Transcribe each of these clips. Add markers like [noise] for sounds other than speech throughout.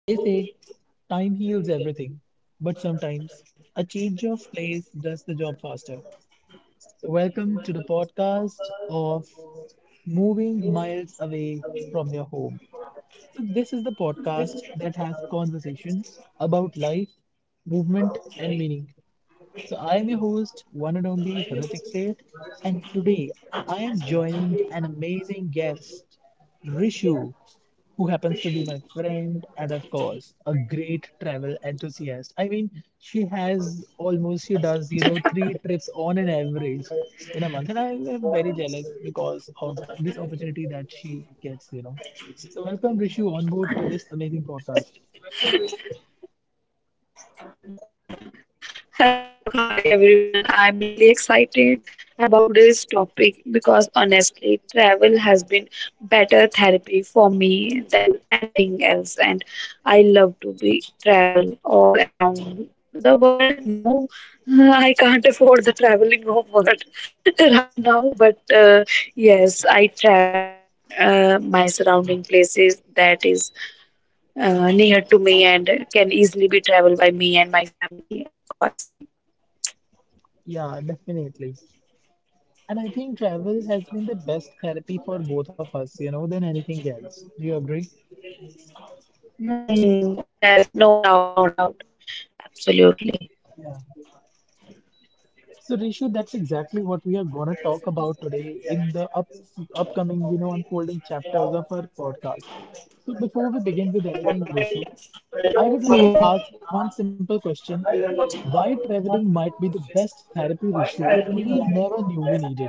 they say time heals everything, but sometimes a change of place does the job faster. So welcome to the podcast of Moving Miles Away from Your Home. So this is the podcast that has conversations about life, movement, and meaning. So, I am your host, one and only Hrithik Seth, and today I am joining an amazing guest, Rishu, who happens to be my friend and, of course, a great travel enthusiast. I mean, she has almost, she does, three trips on an average in a month, and I am very jealous because of this opportunity that she gets, So, welcome, Rishu, on board to this amazing podcast. Hello, hi everyone. I'm really excited about today's topic because honestly, travel has been better therapy for me than anything else, and I love to be travel all around the world. No, [laughs] I can't afford the traveling world [laughs] right now, but yes, I travel my surrounding places that is near to me and can easily be traveled by me and my family, of course. Yeah, definitely. And I think travel has been the best therapy for both of us, than anything else. Do you agree? Hmm, yes, no doubt, no doubt. Absolutely. Yeah. So, Rishu, that's exactly what we are gonna talk about today in the up upcoming, unfolding chapters of our podcast. So, before we begin with anything, Rishu, I would like to ask one simple question: Why traveling might be the best therapy, Rishu, that we never knew we needed?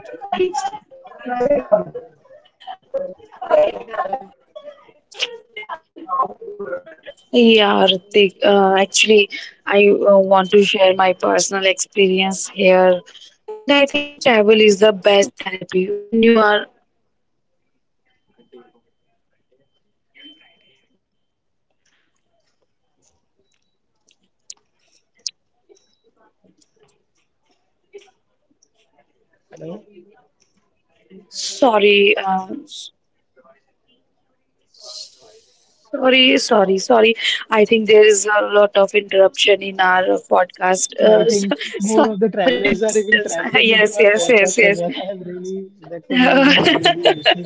Yeah, Ritik, actually, I want to share my personal experience here. And I think travel is the best therapy when you are Hello. sorry, sorry, sorry, sorry. I think there is a lot of interruption in our So, podcast. I think more of the [laughs] sorry to travelers are even listeners. [laughs] traveling into Yes, our yes, podcast as yes, well. [laughs] I'm really, that's amazing, yes. really. [laughs] This is,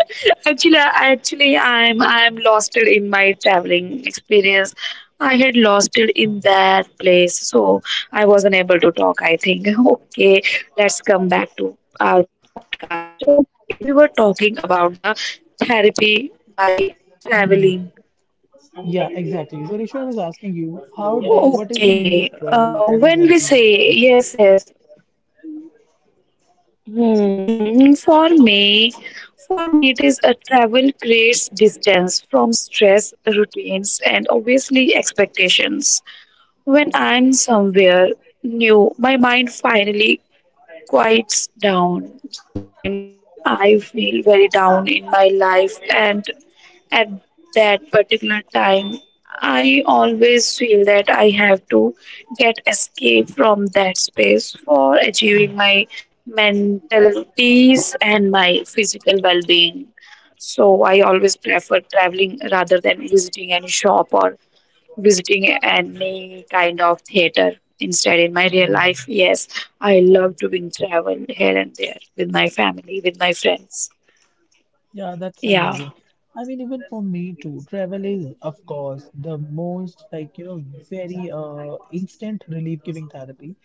Actually, I'm lost it in my traveling experience. I had lost it in that place, so I wasn't able to talk. I think [laughs] okay, let's come back to our podcast. Okay, we were talking about the therapy by hmm. traveling. Yeah, exactly. So Risha, I was asking you, how do, what is the meaning of Okay, travel as a when we therapy that you can say say? yes, yes, hmm, hmm. For me, it is a travel creates distance from stress, routines, and obviously expectations. When I'm somewhere new, my mind finally quiets down. Sometimes I feel very down in my life, and at that particular time, I always feel that I have to get escape from that space for achieving my mental peace and my physical well-being, so I always prefer traveling rather than visiting any shop or visiting any kind of theater instead in my Hmm. real life. Yes, I love doing travel here and there with my family, with my friends. Yeah, that's Yeah. amazing. I mean, even for me too, travel is, of course, the most like, very instant relief giving therapy.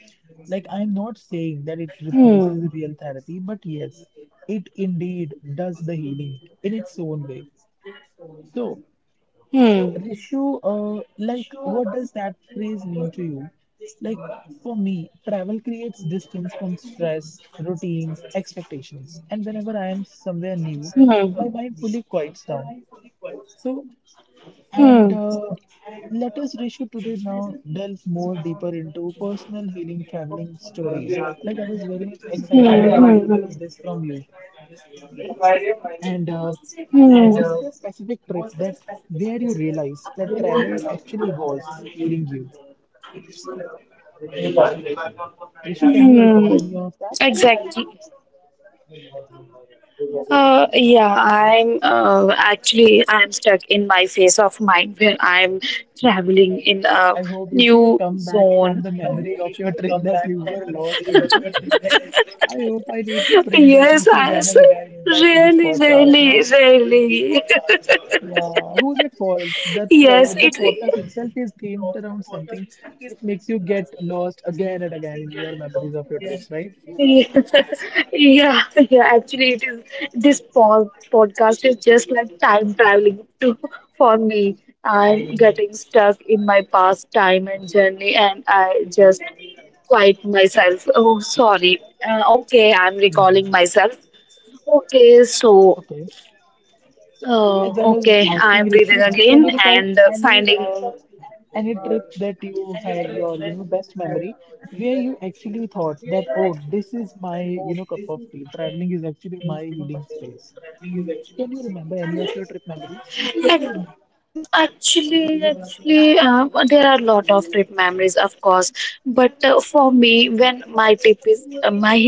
Like, I'm not saying that it Hmm. replaces real therapy, but yes, it indeed does the healing in its own way. So, Rishu, like, what does that phrase mean to you? Like, for me, travel creates distance from stress, routines, expectations. And whenever I am somewhere new, my mind fully quiets down. So, and let us, Rishu, today now delve more deeper into personal healing traveling stories. Like, I was very much excited to hear about this from you. And was there a specific trip that where you realized that travel actually was healing you? Rishi, can you recall Mm, any of that? exactly. Yeah, I'm actually I'm stuck in my phase of mind where I'm traveling in a I hope, Rishi, you new come back from zone. the memory of your trip that you were lost into. I hope I need to [laughs] bring back Yes, Rishi I again s- and again back to this really, podcast. really, Huh? really. Yeah, who's at fault? [laughs] That pro Yes, the podcast it. itself is themed around something which makes you get lost again and again in your memories of your trips, right? Yeah, [laughs] yeah, actually it is this podcast is just like time traveling to for me. I'm getting stuck in my past time and journey, and I just quiet myself. Oh, sorry. Okay, I'm Hmm. recalling myself. Okay, so Okay. So, as I was okay, asking I'm Rishu, breathing can you again recall and any finding uh, any trip that you had your best memory where you actually thought that oh this is my cup of tea, traveling is actually my healing space. Can you remember any of your trip memories? Actually, there are a lot of trip memories, of course. But for me, when my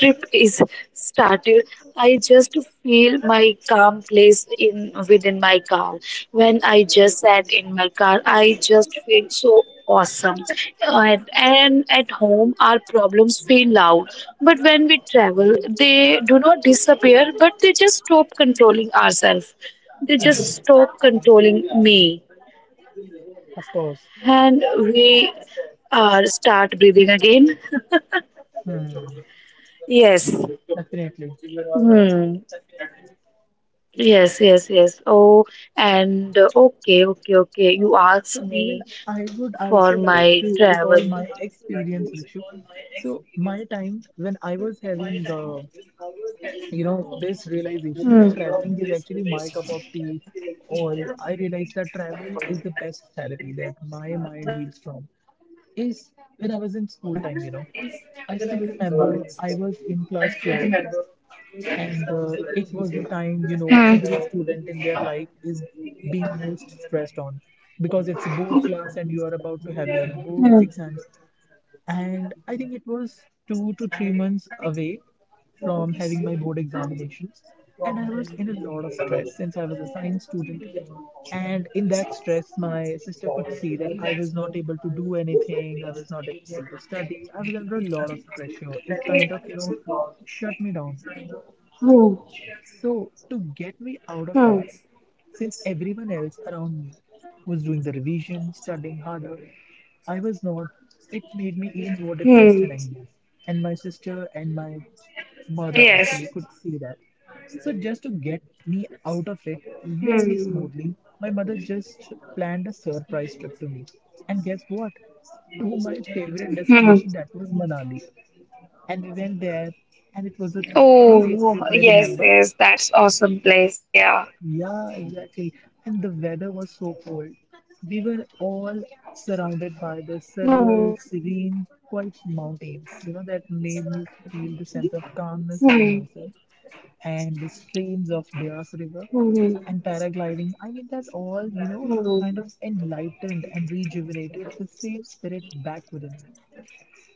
trip is started, I just feel my calm place in within my car. When I just sat in my car, I just feel so awesome. And at home, our problems feel loud. But when we travel, they do not disappear, but they just stop controlling ourselves. They Hum. just stop controlling me, Of course. and we start breathing again. Hmm, Yes. definitely. Hmm. Yes, yes, yes. Oh, and okay, okay, okay. You asked So me even I would for also like my to recall my travel. experience, Rishu. So my time when I was having you know, this realization that traveling is actually my cup of tea, or I realized that travel is the best therapy that my mind heals from is when I was in Hmm. school time, you know. I still remember I was in class 12, and it was the time, you know, every student in their life is being most stressed on because it's a board class and you are about to have your board Hmm. exams. And I think it was 2 to 3 months away from having my board examinations. And I was in a lot of stress since I was a science student. And in that stress, my sister could see that I was not able to do anything, I was not able to study, I was under a lot of pressure. It kind of, you know, shut me down. Hmm. So, to get me out Hmm. of that, since everyone else around me was doing the revision, studying harder, I was not. It made me even more depressed and Hmm. anxious. And my sister and my mother actually Yes. could see that. So, just to get me out of it very Hmm. smoothly, my mother just planned a surprise trip to me. And guess what? To my favorite Hmm. destination, that was Manali. And we went there, and it was a 3 days Oh, trip, I yes, remember. yes. That's awesome place. Yeah. Yeah, exactly. And the weather was so cold. We were all surrounded by the Hmm. surreal, serene, quiet mountains, you know, that made me feel the sense of calmness Hmm. within myself, and the streams of Deas River Hmm. and paragliding. I mean, that all, you know, Hmm. kind of enlightened and rejuvenated the same spirit back within me.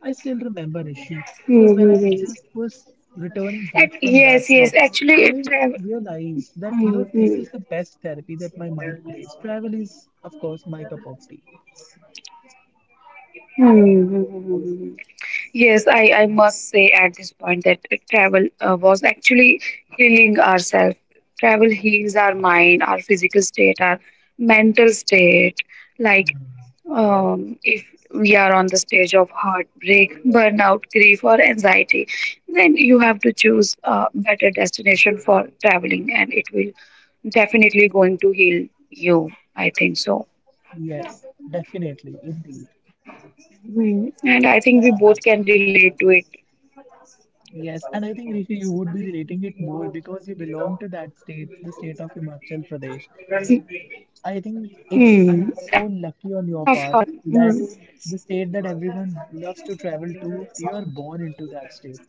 I still remember issue. So when I just was returning back from Yes, that yes. trip, Actually, it I travel. realized that, you know, this is Hmm. the best therapy that my mind craves. Travel is, of course, my cup of tea. Hmm. Yes, I must say at this point that travel was actually healing ourselves. Travel heals our mind, our physical state, our mental state. Like Hmm. If we are on the stage of heartbreak, burnout, grief, or anxiety, then you have to choose a better destination for traveling, and it will definitely going to heal you, I think so. Yes, definitely, indeed. Hmm. And I think Yeah, we both can relate to it. yes. And I think, Rishi, you would be relating it more because you belong to that state, the state of Himachal Pradesh. I think it's Hmm, so of lucky on course. your part Hmm, that the state that everyone loves to travel to, you are born into that state.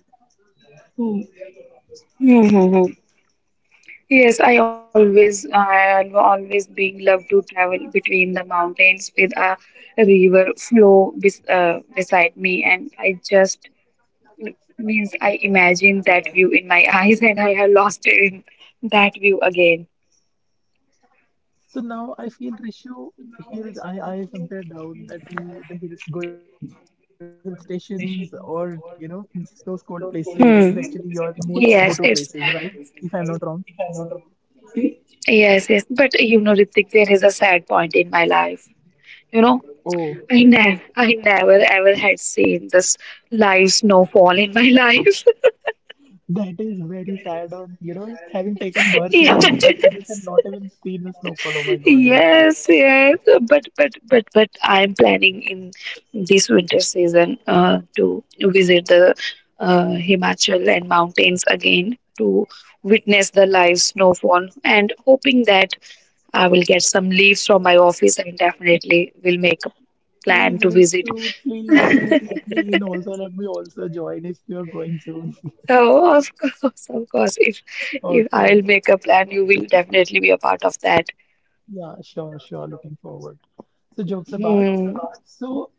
hmm, hmm, hmm. Yes, I always, I have always been love to travel between the mountains with a river flow beside me, and I just means I imagine that view in my [laughs] eyes, and I have lost it in that view again. So now I feel Rishu hills. I somewhere down that you the hills, going to hill stations, or you know, those cold places is actually your most go-to places, right? If I'm not wrong. Yes, yes. But you know, Ritik, there is a sad point in my life. You know, Oh, I never ever had seen this live snowfall in my life. that is very sad on, you know, having taken birth [laughs] in Himachal Pradesh and yes, not even seen the snowfall. Oh my God, ratio. yes, yes. But, I'm planning in this winter season to visit the Himachal and mountains again to witness the live snowfall and hoping that I will get some leaves from my office and definitely will make plan Please, to visit. Rishu, please, [laughs] please let me in also. Let me also join if you're going soon. [laughs] oh, of course, of course. If Okay. I'll make a plan, you will definitely be a part of that. Yeah, sure, sure. Looking forward. So, jokes apart. Hmm. So,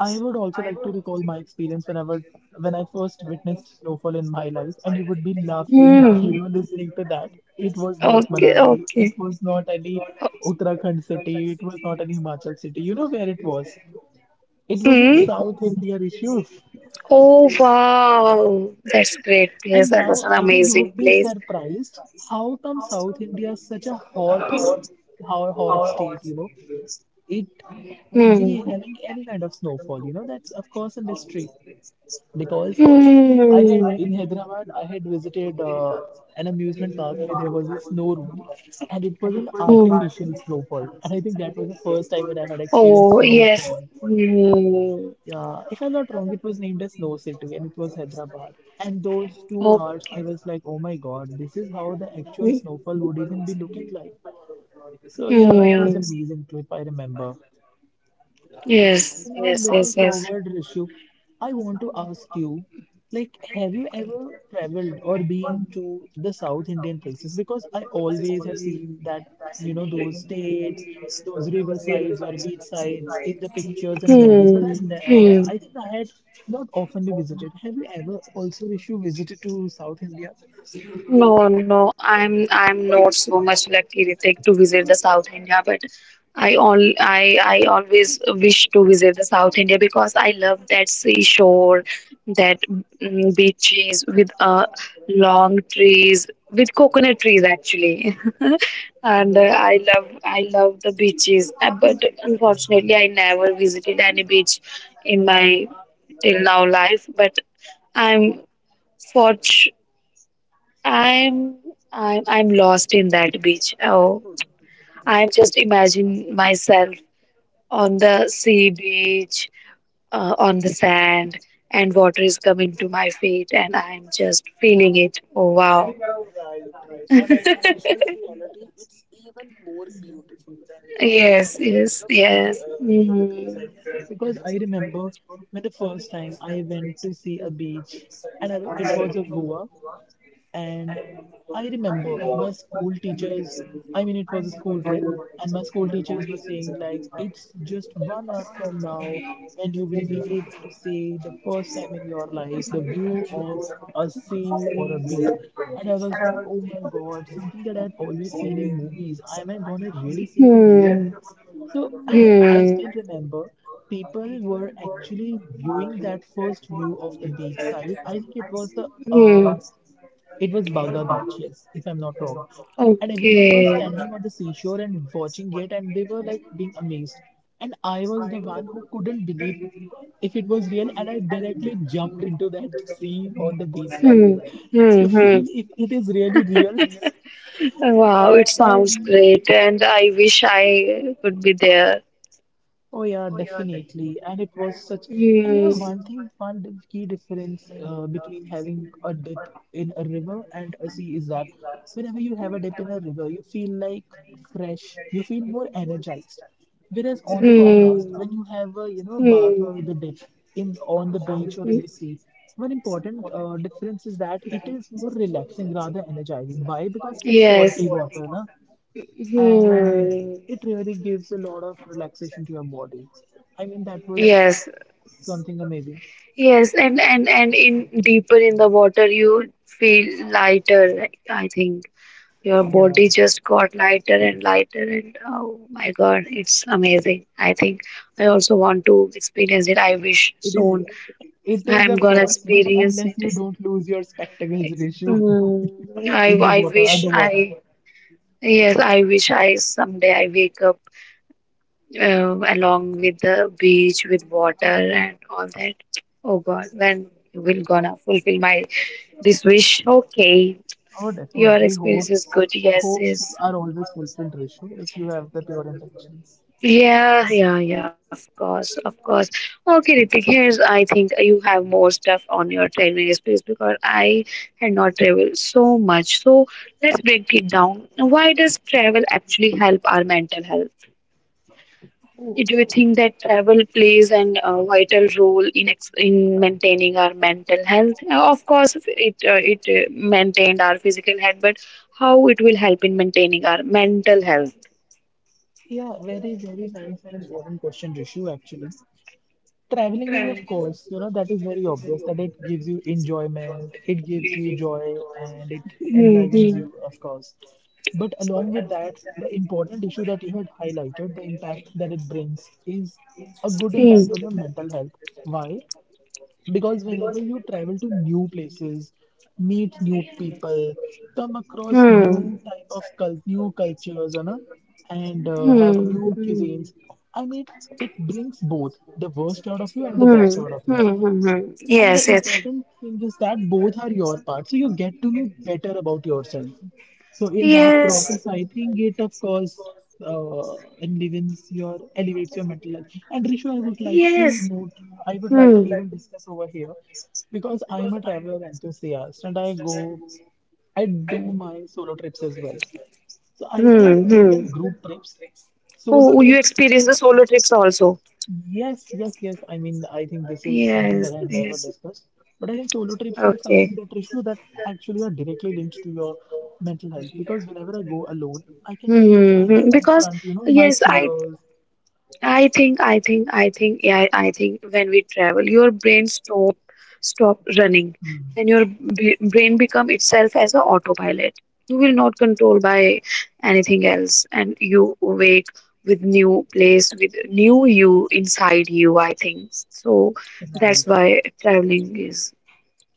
I would also like to recall my experience whenever when I first witnessed snowfall in my life, and you would be laughing, [laughs] you know, listening to that. It was not Manali, it Okay. was not any Uttarakhand city, it was not any Himachal city. You know where it was? It was in South India, Rishu. Oh wow, that's great And place. That now was an I think you would amazing be place. surprised how come South India is such a hot, how hot state, you know, it would Hmm. be having any kind of snowfall. You know, that's of course a mystery because I Hmm. had in Hyderabad, I had visited an amusement park where there was a snow room and it was an artificial snowfall. And I think that was the first time when I had experienced Oh, yes. snowfall. Hmm. Yeah, if I'm not wrong, it was named as Snow City and it was Hyderabad. And those two Oh, hours, I was like, oh my God, this is how the actual snowfall would even be looking like. So yeah, that was hmm. amazing trip, I remember. Yes, So now yes, yes, looking yes. forward, Rishu, I want to ask you, like, have you ever traveled or been to the South Indian places? Because I always have seen that, you know, those states, those river sides or beach sides in the pictures and movies. But I, I think I had not oftenly visited. Have you ever also, Rishu, visited to South India? No, no, I'm not so much lucky, Ritik, to visit the South India, but I always wish to visit the South India because I love that seashore, that mm, beaches with long trees, with coconut trees actually, [laughs] and I love the beaches. But unfortunately, I never visited any beach in my till now life, but. I'm fortu- I'm I'm lost in that beach. Oh, Hmm. I'm just imagine myself on the sea beach, on the sand, and water is coming to my feet, and I'm just feeling it. Oh wow! Right, right. And I think visual reality, it's even more beautiful than how you Yes, imagine, you yes, know, being, yes. Near the Hmm. beachside. Because I remember when the first time I went to see a beach, and I, it was a Goa, and I remember my school teachers, I mean, it was a school trip, and my school teachers were saying, like, it's just 1 hour from now when you will be able to see the first time in your life the view of a sea or a beach. And I was like, oh my God, something that I'd always seen in movies. Am I gonna really see it in real? Hmm. So [laughs] I Hmm. still remember people were actually viewing that first view of the beach side. I think it was the it was Baga Beach, yes, if I'm not wrong. And everyone was Okay. standing on the seashore and watching it, and they were like being amazed. And I was the one who couldn't believe if it was real, and I directly jumped into that sea on the beach side to Hmm. Hmm. feel if it is really real. Wow, it And sounds I. great, and I wish I could be there. Oh yeah, definitely. And it was such, and you Hmm. know, one thing, key difference between having a dip in a river and a sea is that whenever you have a dip in a river, you feel like fresh, you feel more energized. Whereas on the contrast, when you have a, you know, bath or the dip in on the beach or in the sea, one important difference is that it is more relaxing rather energizing. Why? Because it's salty water, na? And it really gives a lot of relaxation to your body. I mean, that was Yes. something amazing. Yes. And in deeper in the water, you feel lighter. I think your Yeah, body just got lighter and lighter, and oh my God, it's amazing. I think I also want to experience it. I wish it is. soon It is, I'm of gonna course, but experience unless it. you don't lose your spectacles ratio [laughs] Mm, in the I water, wish underwater. I, yes I wish I someday I wake up along with the beach with water and all that. Oh God, when will gonna fulfill my this wish? Okay, Oh, your definitely. experience is Hopes, good. Yes, hopes yes. are always fulfilled ratio if you have the pure intentions. Yeah, yeah, yeah, of course, of course. Okay, Ritik, here's I think you have more stuff on your traveling space because I had not traveled so much. So let's break it down. Why does travel actually help our mental health? Do Oh. you think that travel plays an vital role in ex in maintaining our mental health? Of course, it maintained our physical health, but how it will help in maintaining our mental health? Yeah, very, very nice and important question, Rishu, actually. Traveling is, of course, you know, that is very obvious that it gives you enjoyment, it gives you joy, and it enlivens Mhm. you, of course. But along with that, the important issue that you had highlighted, the impact that it brings, is a good Hmm. impact on your mental health. Why? Because whenever you travel to new places, meet new people, come across Hmm. new type of cult, new cultures, you know, and have Hmm. new Hmm. cuisines, I mean, it brings both the worst out of you and the Hmm. best out of Hmm. you. Hmm. Hmm. And the Yes. Yes. important thing is that both are your part. So you get to know better about yourself. So in that Yes. process, I think it of course uh, elevates your mental health. And Rishu, I would like to Yes. note, I would like to Hmm. even discuss over here because I'm a traveler enthusiast and I do my solo trips as well. So I think Hmm. more than Hmm. group trips, solo Oh, you trips. experience. Yes, yes, yes. I mean, I think this is something that Yes. I had never Yes. discussed, but I think solo trips are something Okay. that issue that actually are directly linked to your mental health because whenever I go alone, I can Hmm. see, Hmm. I can Hmm. Because confront, you know, my yes, I fears. Yeah, I think when we travel, your brain stop running, Hmm, and your b brain become itself as a autopilot. You will not control by anything else, and you wake with new place, with new you inside you, I think. So that's why right. traveling is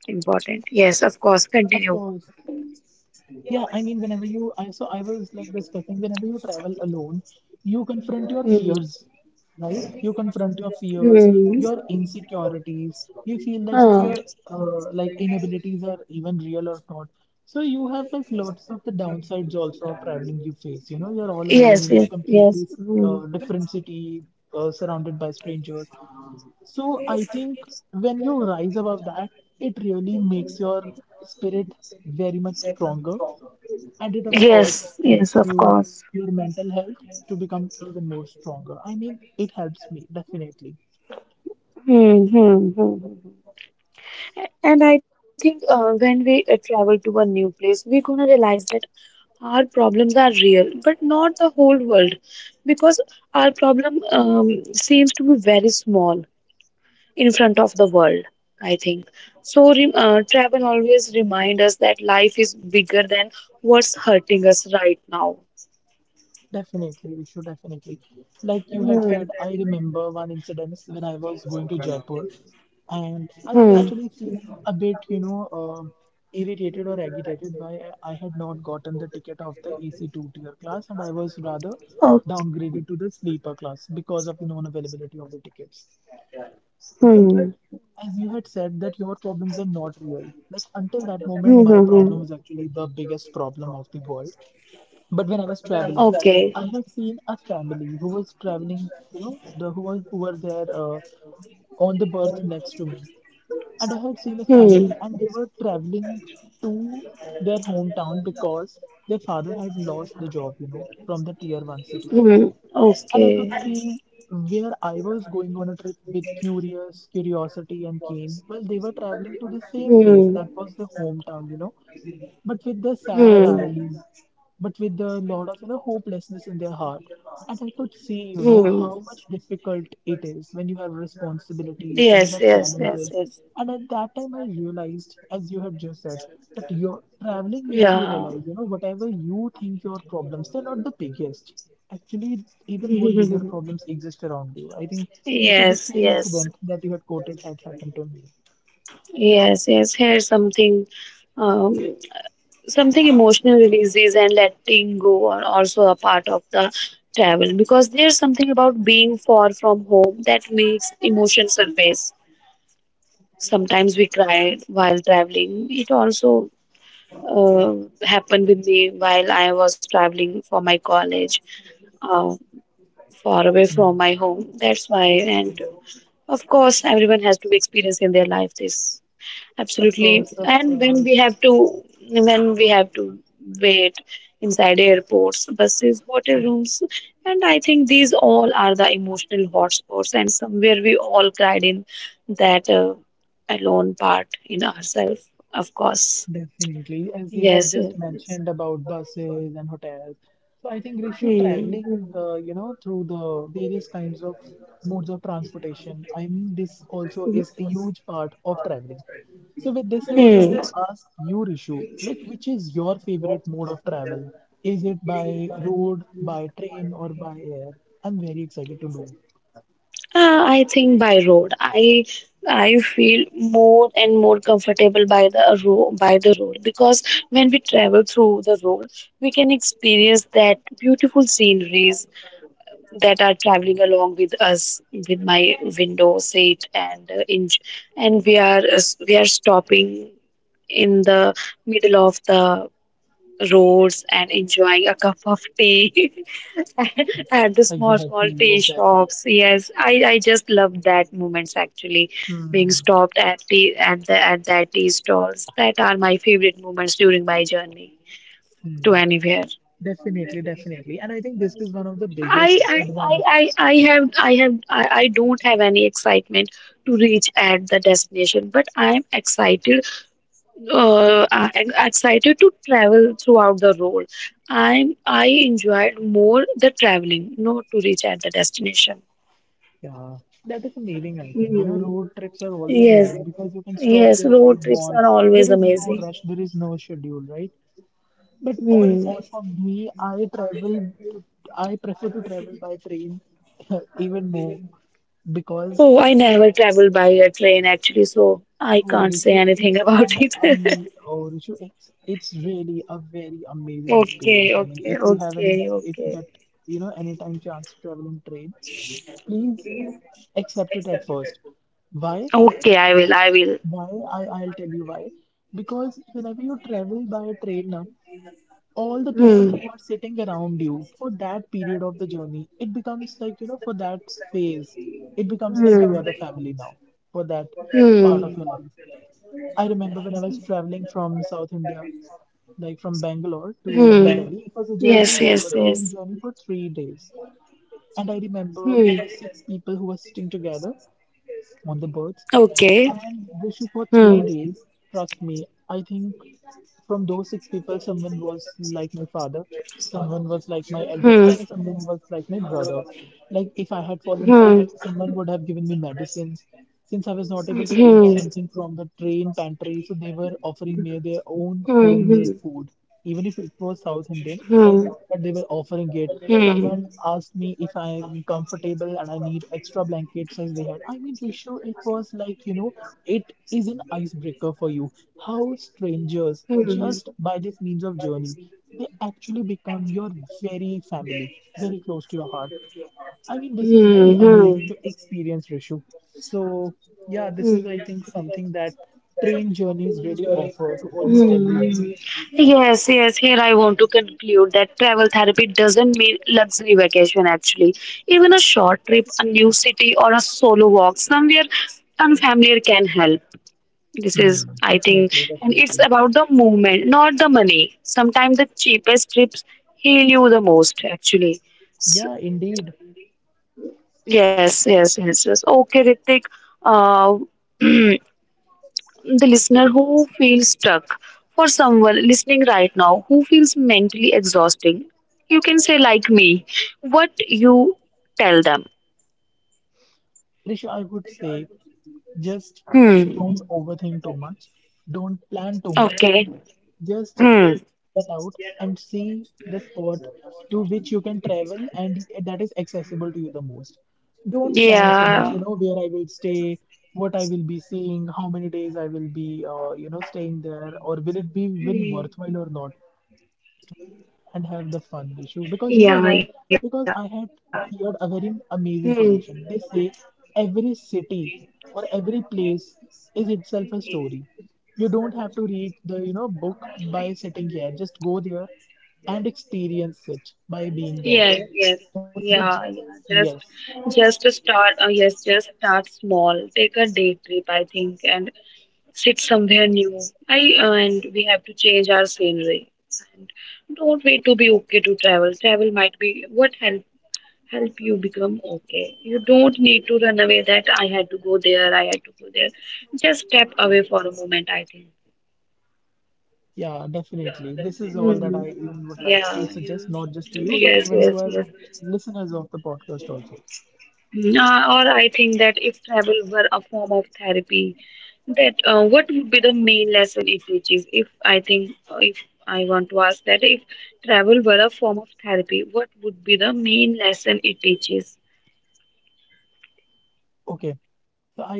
important. Yes, of course, Of continue. course. Yeah, I mean, whenever you, I so I was like discussing, whenever you travel alone, you confront your Mm, fears, right? You confront your fears, mm, your insecurities. You feel that if huh. your like inabilities are even real or not. So you have like lots of the downsides also of traveling you face. You know, you're all alone Yes, in a yes, yes. completely Mm. Different city, surrounded by strangers. So I think when you rise above that, it really makes your spirit very much stronger. And it, of course, Yes, yes, helps of you, course. your mental health to become even more stronger. I mean, it helps me, definitely. Hmm, hmm, hmm. And I think when we travel to a new place, we're gonna realize that our problems are real, but not the whole world, because our problem seems to be very small in front of the world. I think so. Re travel always remind us that life is bigger than what's hurting us right now. Definitely, we should definitely. Like you had said, Hmm. I remember one incident when I was going to Jaipur and I was Hmm. actually feeling a bit, irritated or agitated by I had not gotten the ticket of the AC two tier class and I was rather downgraded to the sleeper class because of the non-availability of the tickets. But Hmm. as you had said that your problems are not real, like until that moment Hmm. my Hmm. problem Hmm. was actually the biggest problem of the world, but when I was traveling, Okay. I had seen a family who was traveling, you know, the who was who were there on the berth next to me. And I had seen a Hmm. family and they were traveling to their hometown because their father had lost the job, you know, from the tier one city, Hmm. and I Okay. could see where I was going on a trip with curious curiosity and keen. Well, they were traveling to the same Hmm. place that was their hometown, you know, but with the sad Hmm. eyes, but with the lot of hopelessness in their heart. And I could see, you know, Hmm. how much difficult it is when you have responsibilities, when you Yes, have yes, yes, challenges, yes. and at that time, I realized, as you had just said, that your traveling makes you Yeah. realize, you know, whatever you think your problems, they're not the biggest. Actually, even more bigger problems exist around you. I think, Rishu, the Yes, same yes, incident that you had quoted had happened to me. yes, yes. Here's something, um, something emotional releases and letting go are also a part of the travel because there's something about being far from home that makes emotion surface. Sometimes we cried while traveling. It also uh, happened with me while I was traveling for my college, uh, far away from my home. That's why. And of course, everyone has to experience in their life this. Of Absolutely. course, of And when we course. have to, when we have to wait inside airports, buses, hotel rooms, and I think these all are the emotional hotspots. And somewhere we all cried in that alone part in ourselves. Of course. Definitely, as you had Yes. just Yes. Yes. mentioned about buses and hotels, so I think Rishu Hmm. traveling, you know, through the various kinds of modes of transportation. I mean, this also is a huge part of traveling. So with this, I would like to ask you, Rishu, like which is your favorite mode of travel? Is it by road, by train, or by air? I'm very excited to know. I think by road. I feel more and more comfortable by the road because when we travel through the road, we can experience that beautiful sceneries that are traveling along with us with my window seat and and we are stopping in the middle of the roads and enjoying a cup of tea. [laughs] [laughs] At the small, small Exactly, tea exactly. shops. Yes, I just love that moments actually being Hmm. stopped at tea at the at that tea stalls. That are my favorite moments during my journey to Hmm. anywhere. Definitely, definitely. And I think this is one of the biggest I I, advan. I have I have I don't have any excitement to reach at the destination, but I am excited to travel throughout the road. I enjoyed more the traveling, not to reach at the destination. Yeah, that is amazing, I think. You know, road trips are always Yes, amazing because you can stop yes, wherever you road trips want. are always There is no amazing. rush, there is no schedule, right? But Hmm. honestly, for me, I prefer to travel by train [laughs] even more because, Oh, I never traveled by a train actually, so I oh, can't say Rishu, anything it's about an it. amazing, [laughs] oh, Rishu, it's really a very amazing Okay, experience. I mean, okay, if you have any, okay, if you okay. get, you know, anytime chance to travel in train, please accept it at first. Why? Okay, I will, I will. Why? I'll tell you why. Because whenever you travel by train now, all the people Hmm. who are sitting around you for that period of the journey, it becomes like, you know, for that phase, it becomes like you are the family now for that part of your life. I remember when I was traveling from South India, like from Bangalore Hmm. to New Delhi, it was a Yes, journey yes, to a yes. train journey for 3 days. And I remember Hmm. we were six people who were sitting together on the birds Okay. and they shoot for three Hmm. days. Trust me, I think from those six people, someone was like my father, someone was like my elder Hmm. sister, someone was like my brother. Like if I had fallen sick, Hmm. someone would have given me medicines. Since I was not able to eat something from the train pantry, so they were offering me their own Hmm. Hmm. homemade food, even if it was South Indian, Hmm. but they were offering it. Hmm. Someone asked me if I'm comfortable and I need extra blankets as they had. I mean, Rishu, it was like, you know, it is an icebreaker for you. How strangers, Hmm. just by this means of journey, they actually become your very family, very close to your heart. I mean, this is really Hmm. amazing to experience, Rishu. So, yeah, this is, Hmm. Hmm. I think, something that train journeys really offer to almost everyone. Yes, yes, here I want to conclude that travel therapy doesn't mean luxury vacation actually. Even a short trip, a new city, or a solo walk somewhere unfamiliar can help. This is, I think, Definitely, And definitely. it's about the movement, not the money. Sometimes the cheapest trips heal you the most actually. Yeah, So, indeed. yes, yes, yes, yes. Okay, Ritik. Uh, [clears throat] the listener who feels stuck. For someone listening right now who feels mentally exhausting, you can say, like me, what you tell them. Risha, I would say just Hmm. don't overthink too much. Don't plan too much. Okay. Just Hmm. get out and see the spot to which you can travel and that is accessible to you the most. Don't plan so much, you Yeah. know, where I will stay, what I will be seeing, how many days I will be, you know, staying there, or will it be even worthwhile or not. Just go and have the fun, Rishu. Because you know why? Yeah. Because Yeah. I had heard a very Hmm. amazing quotation. They say every city or every place is itself a story. You don't have to read the, book by sitting here. Just go there and experience it by Yes, being there yes, yeah, only. yeah. Just, Yes. just to start. Yes, just start small. Take a day trip, I think, and sit somewhere new. I and we have to change our scenery. And don't wait to be okay to travel. Travel might be what help you become okay. You don't need to run away that I had to go there, I had to go there. Just step away for a moment, I think. Yeah, definitely. This is all that I Hmm. even would like to Yeah. suggest, not just to you, but Yes, even to yes, our yes. listeners of the podcast also. Mm, or I think that if travel were a form of therapy, that what would be the main lesson it teaches? If I want to ask that, if travel were a form of therapy, what would be the main lesson it teaches? Okay.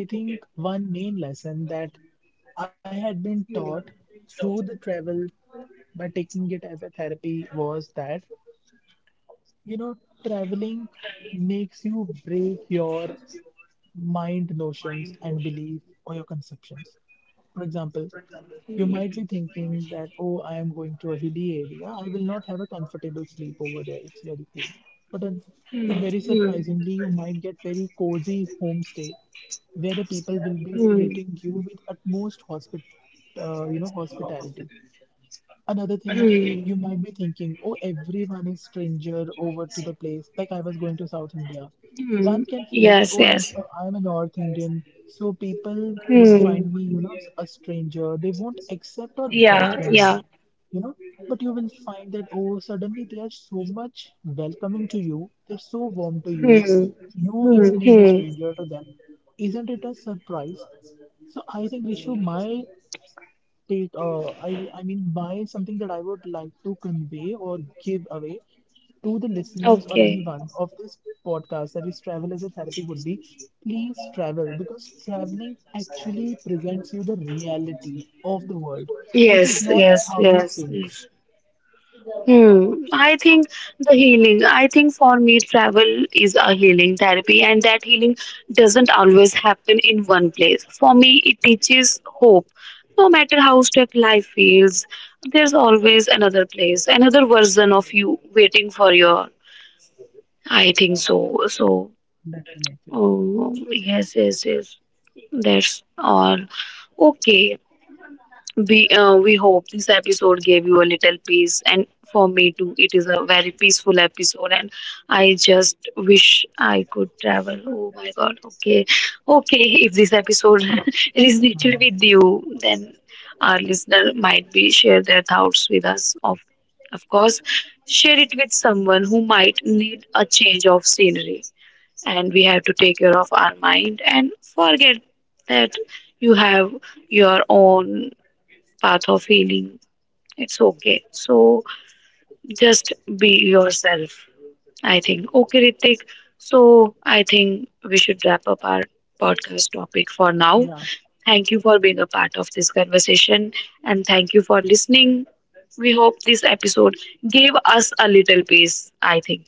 So I think one main lesson that I had been taught through the travel by taking it as a therapy was that, you know, traveling makes you break your mind notions and belief or your conceptions. For example, you might be thinking that, oh, I am going to a hilly area. I will not have a comfortable sleep over there. It's very cold. But, but very Hmm. surprisingly, you might get very cozy homestay where the people will be Hmm. treating you with utmost hospitality. Another thing Hmm. you might be thinking, oh, everyone is stranger over to the place. Like I was going to South India. Hmm. One can feel Yes. that, oh, Yes. I'm a North Indian, so people would Hmm. find me, you know, a stranger. They won't accept or Yeah. welcome Yeah. me, you know. But you will find that, oh, suddenly they are so much welcoming to you. They're so warm to you. Hmm. You Hmm. even Hmm. being a stranger to them. Isn't it a surprise? So I think Rishu, I mean, by something that I would like to convey or give away to the listeners or Okay. anyone of this podcast that is travel as a therapy would be please travel because traveling actually presents you the reality of the world, Yes. which is not Yes. as how Yes. you think. Hmm. I think the healing, I think for me, travel is a healing therapy, and that healing doesn't always happen in one place. For me, it teaches hope. No matter how stuck life feels, there's always another place, another version of you waiting for your. I think so. So, Definitely. oh, yes, yes, yes. That's all. Okay. We hope this episode gave you a little peace, and for me too, it is a very peaceful episode. And I just wish I could travel. Oh my God! Okay, okay. If this episode [laughs] resonated with you, then our listener might be share their thoughts with us. Of course, share it with someone who might need a change of scenery. And we have to take care of our mind and forget that you have your own path of healing. It's okay. So just be yourself, I think. Okay, Ritik. So I think we should wrap up our podcast topic for now. Yeah. Thank you for being a part of this conversation and thank you for listening. We hope this episode gave us a little peace, I think.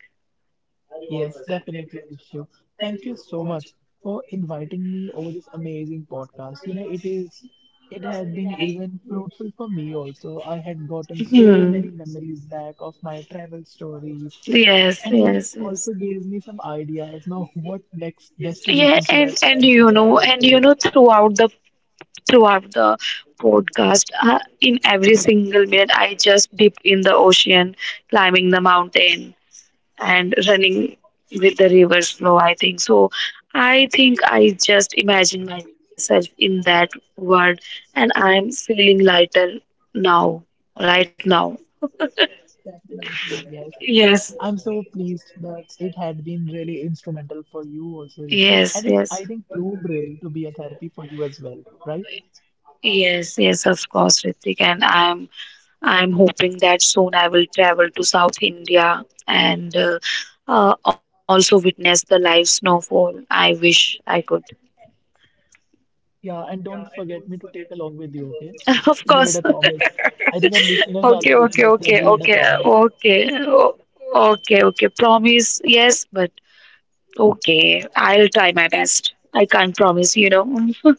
Yes, definitely, Rishu. Thank you so much for inviting me over this amazing podcast. You know, it had been even fruitful for me also. I had gotten so many memories back of my travel stories, Yes, and even yes, it yes. also gives me some ideas. Now, what next Yeah, destination and should I and plan you to know, and travel you know, to? Throughout the podcast, in every single minute, I just dip in the ocean, climbing the mountain, and running with the river flow. I think so. I think I just imagine myself in that world, and I'm feeling lighter now, right now. Definitely, yes. I'm so Yes, pleased that it had been really instrumental for you also, Ishu. And yes, it, I yes, think, proved really to be a therapy for you as well, right? yes, yes. Of course, Ritik, and I'm hoping that soon I will travel to South India and also witness the live snowfall. I wish I could. Yeah, and don't forget me to take along with you, okay? [laughs] Of You made course. a promise. I think our [laughs] listeners are Okay, the okay, witness that okay, we had a okay, promise. Okay, okay. Promise, yes, but okay, I'll try my best. I can't promise, you know. [laughs]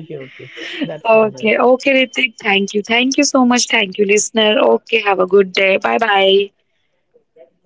Okay, okay. That's all right. Okay, okay, Ritik. Thank you. Thank you so much. Thank you, listener. Okay, have a good day. Bye bye. Okay.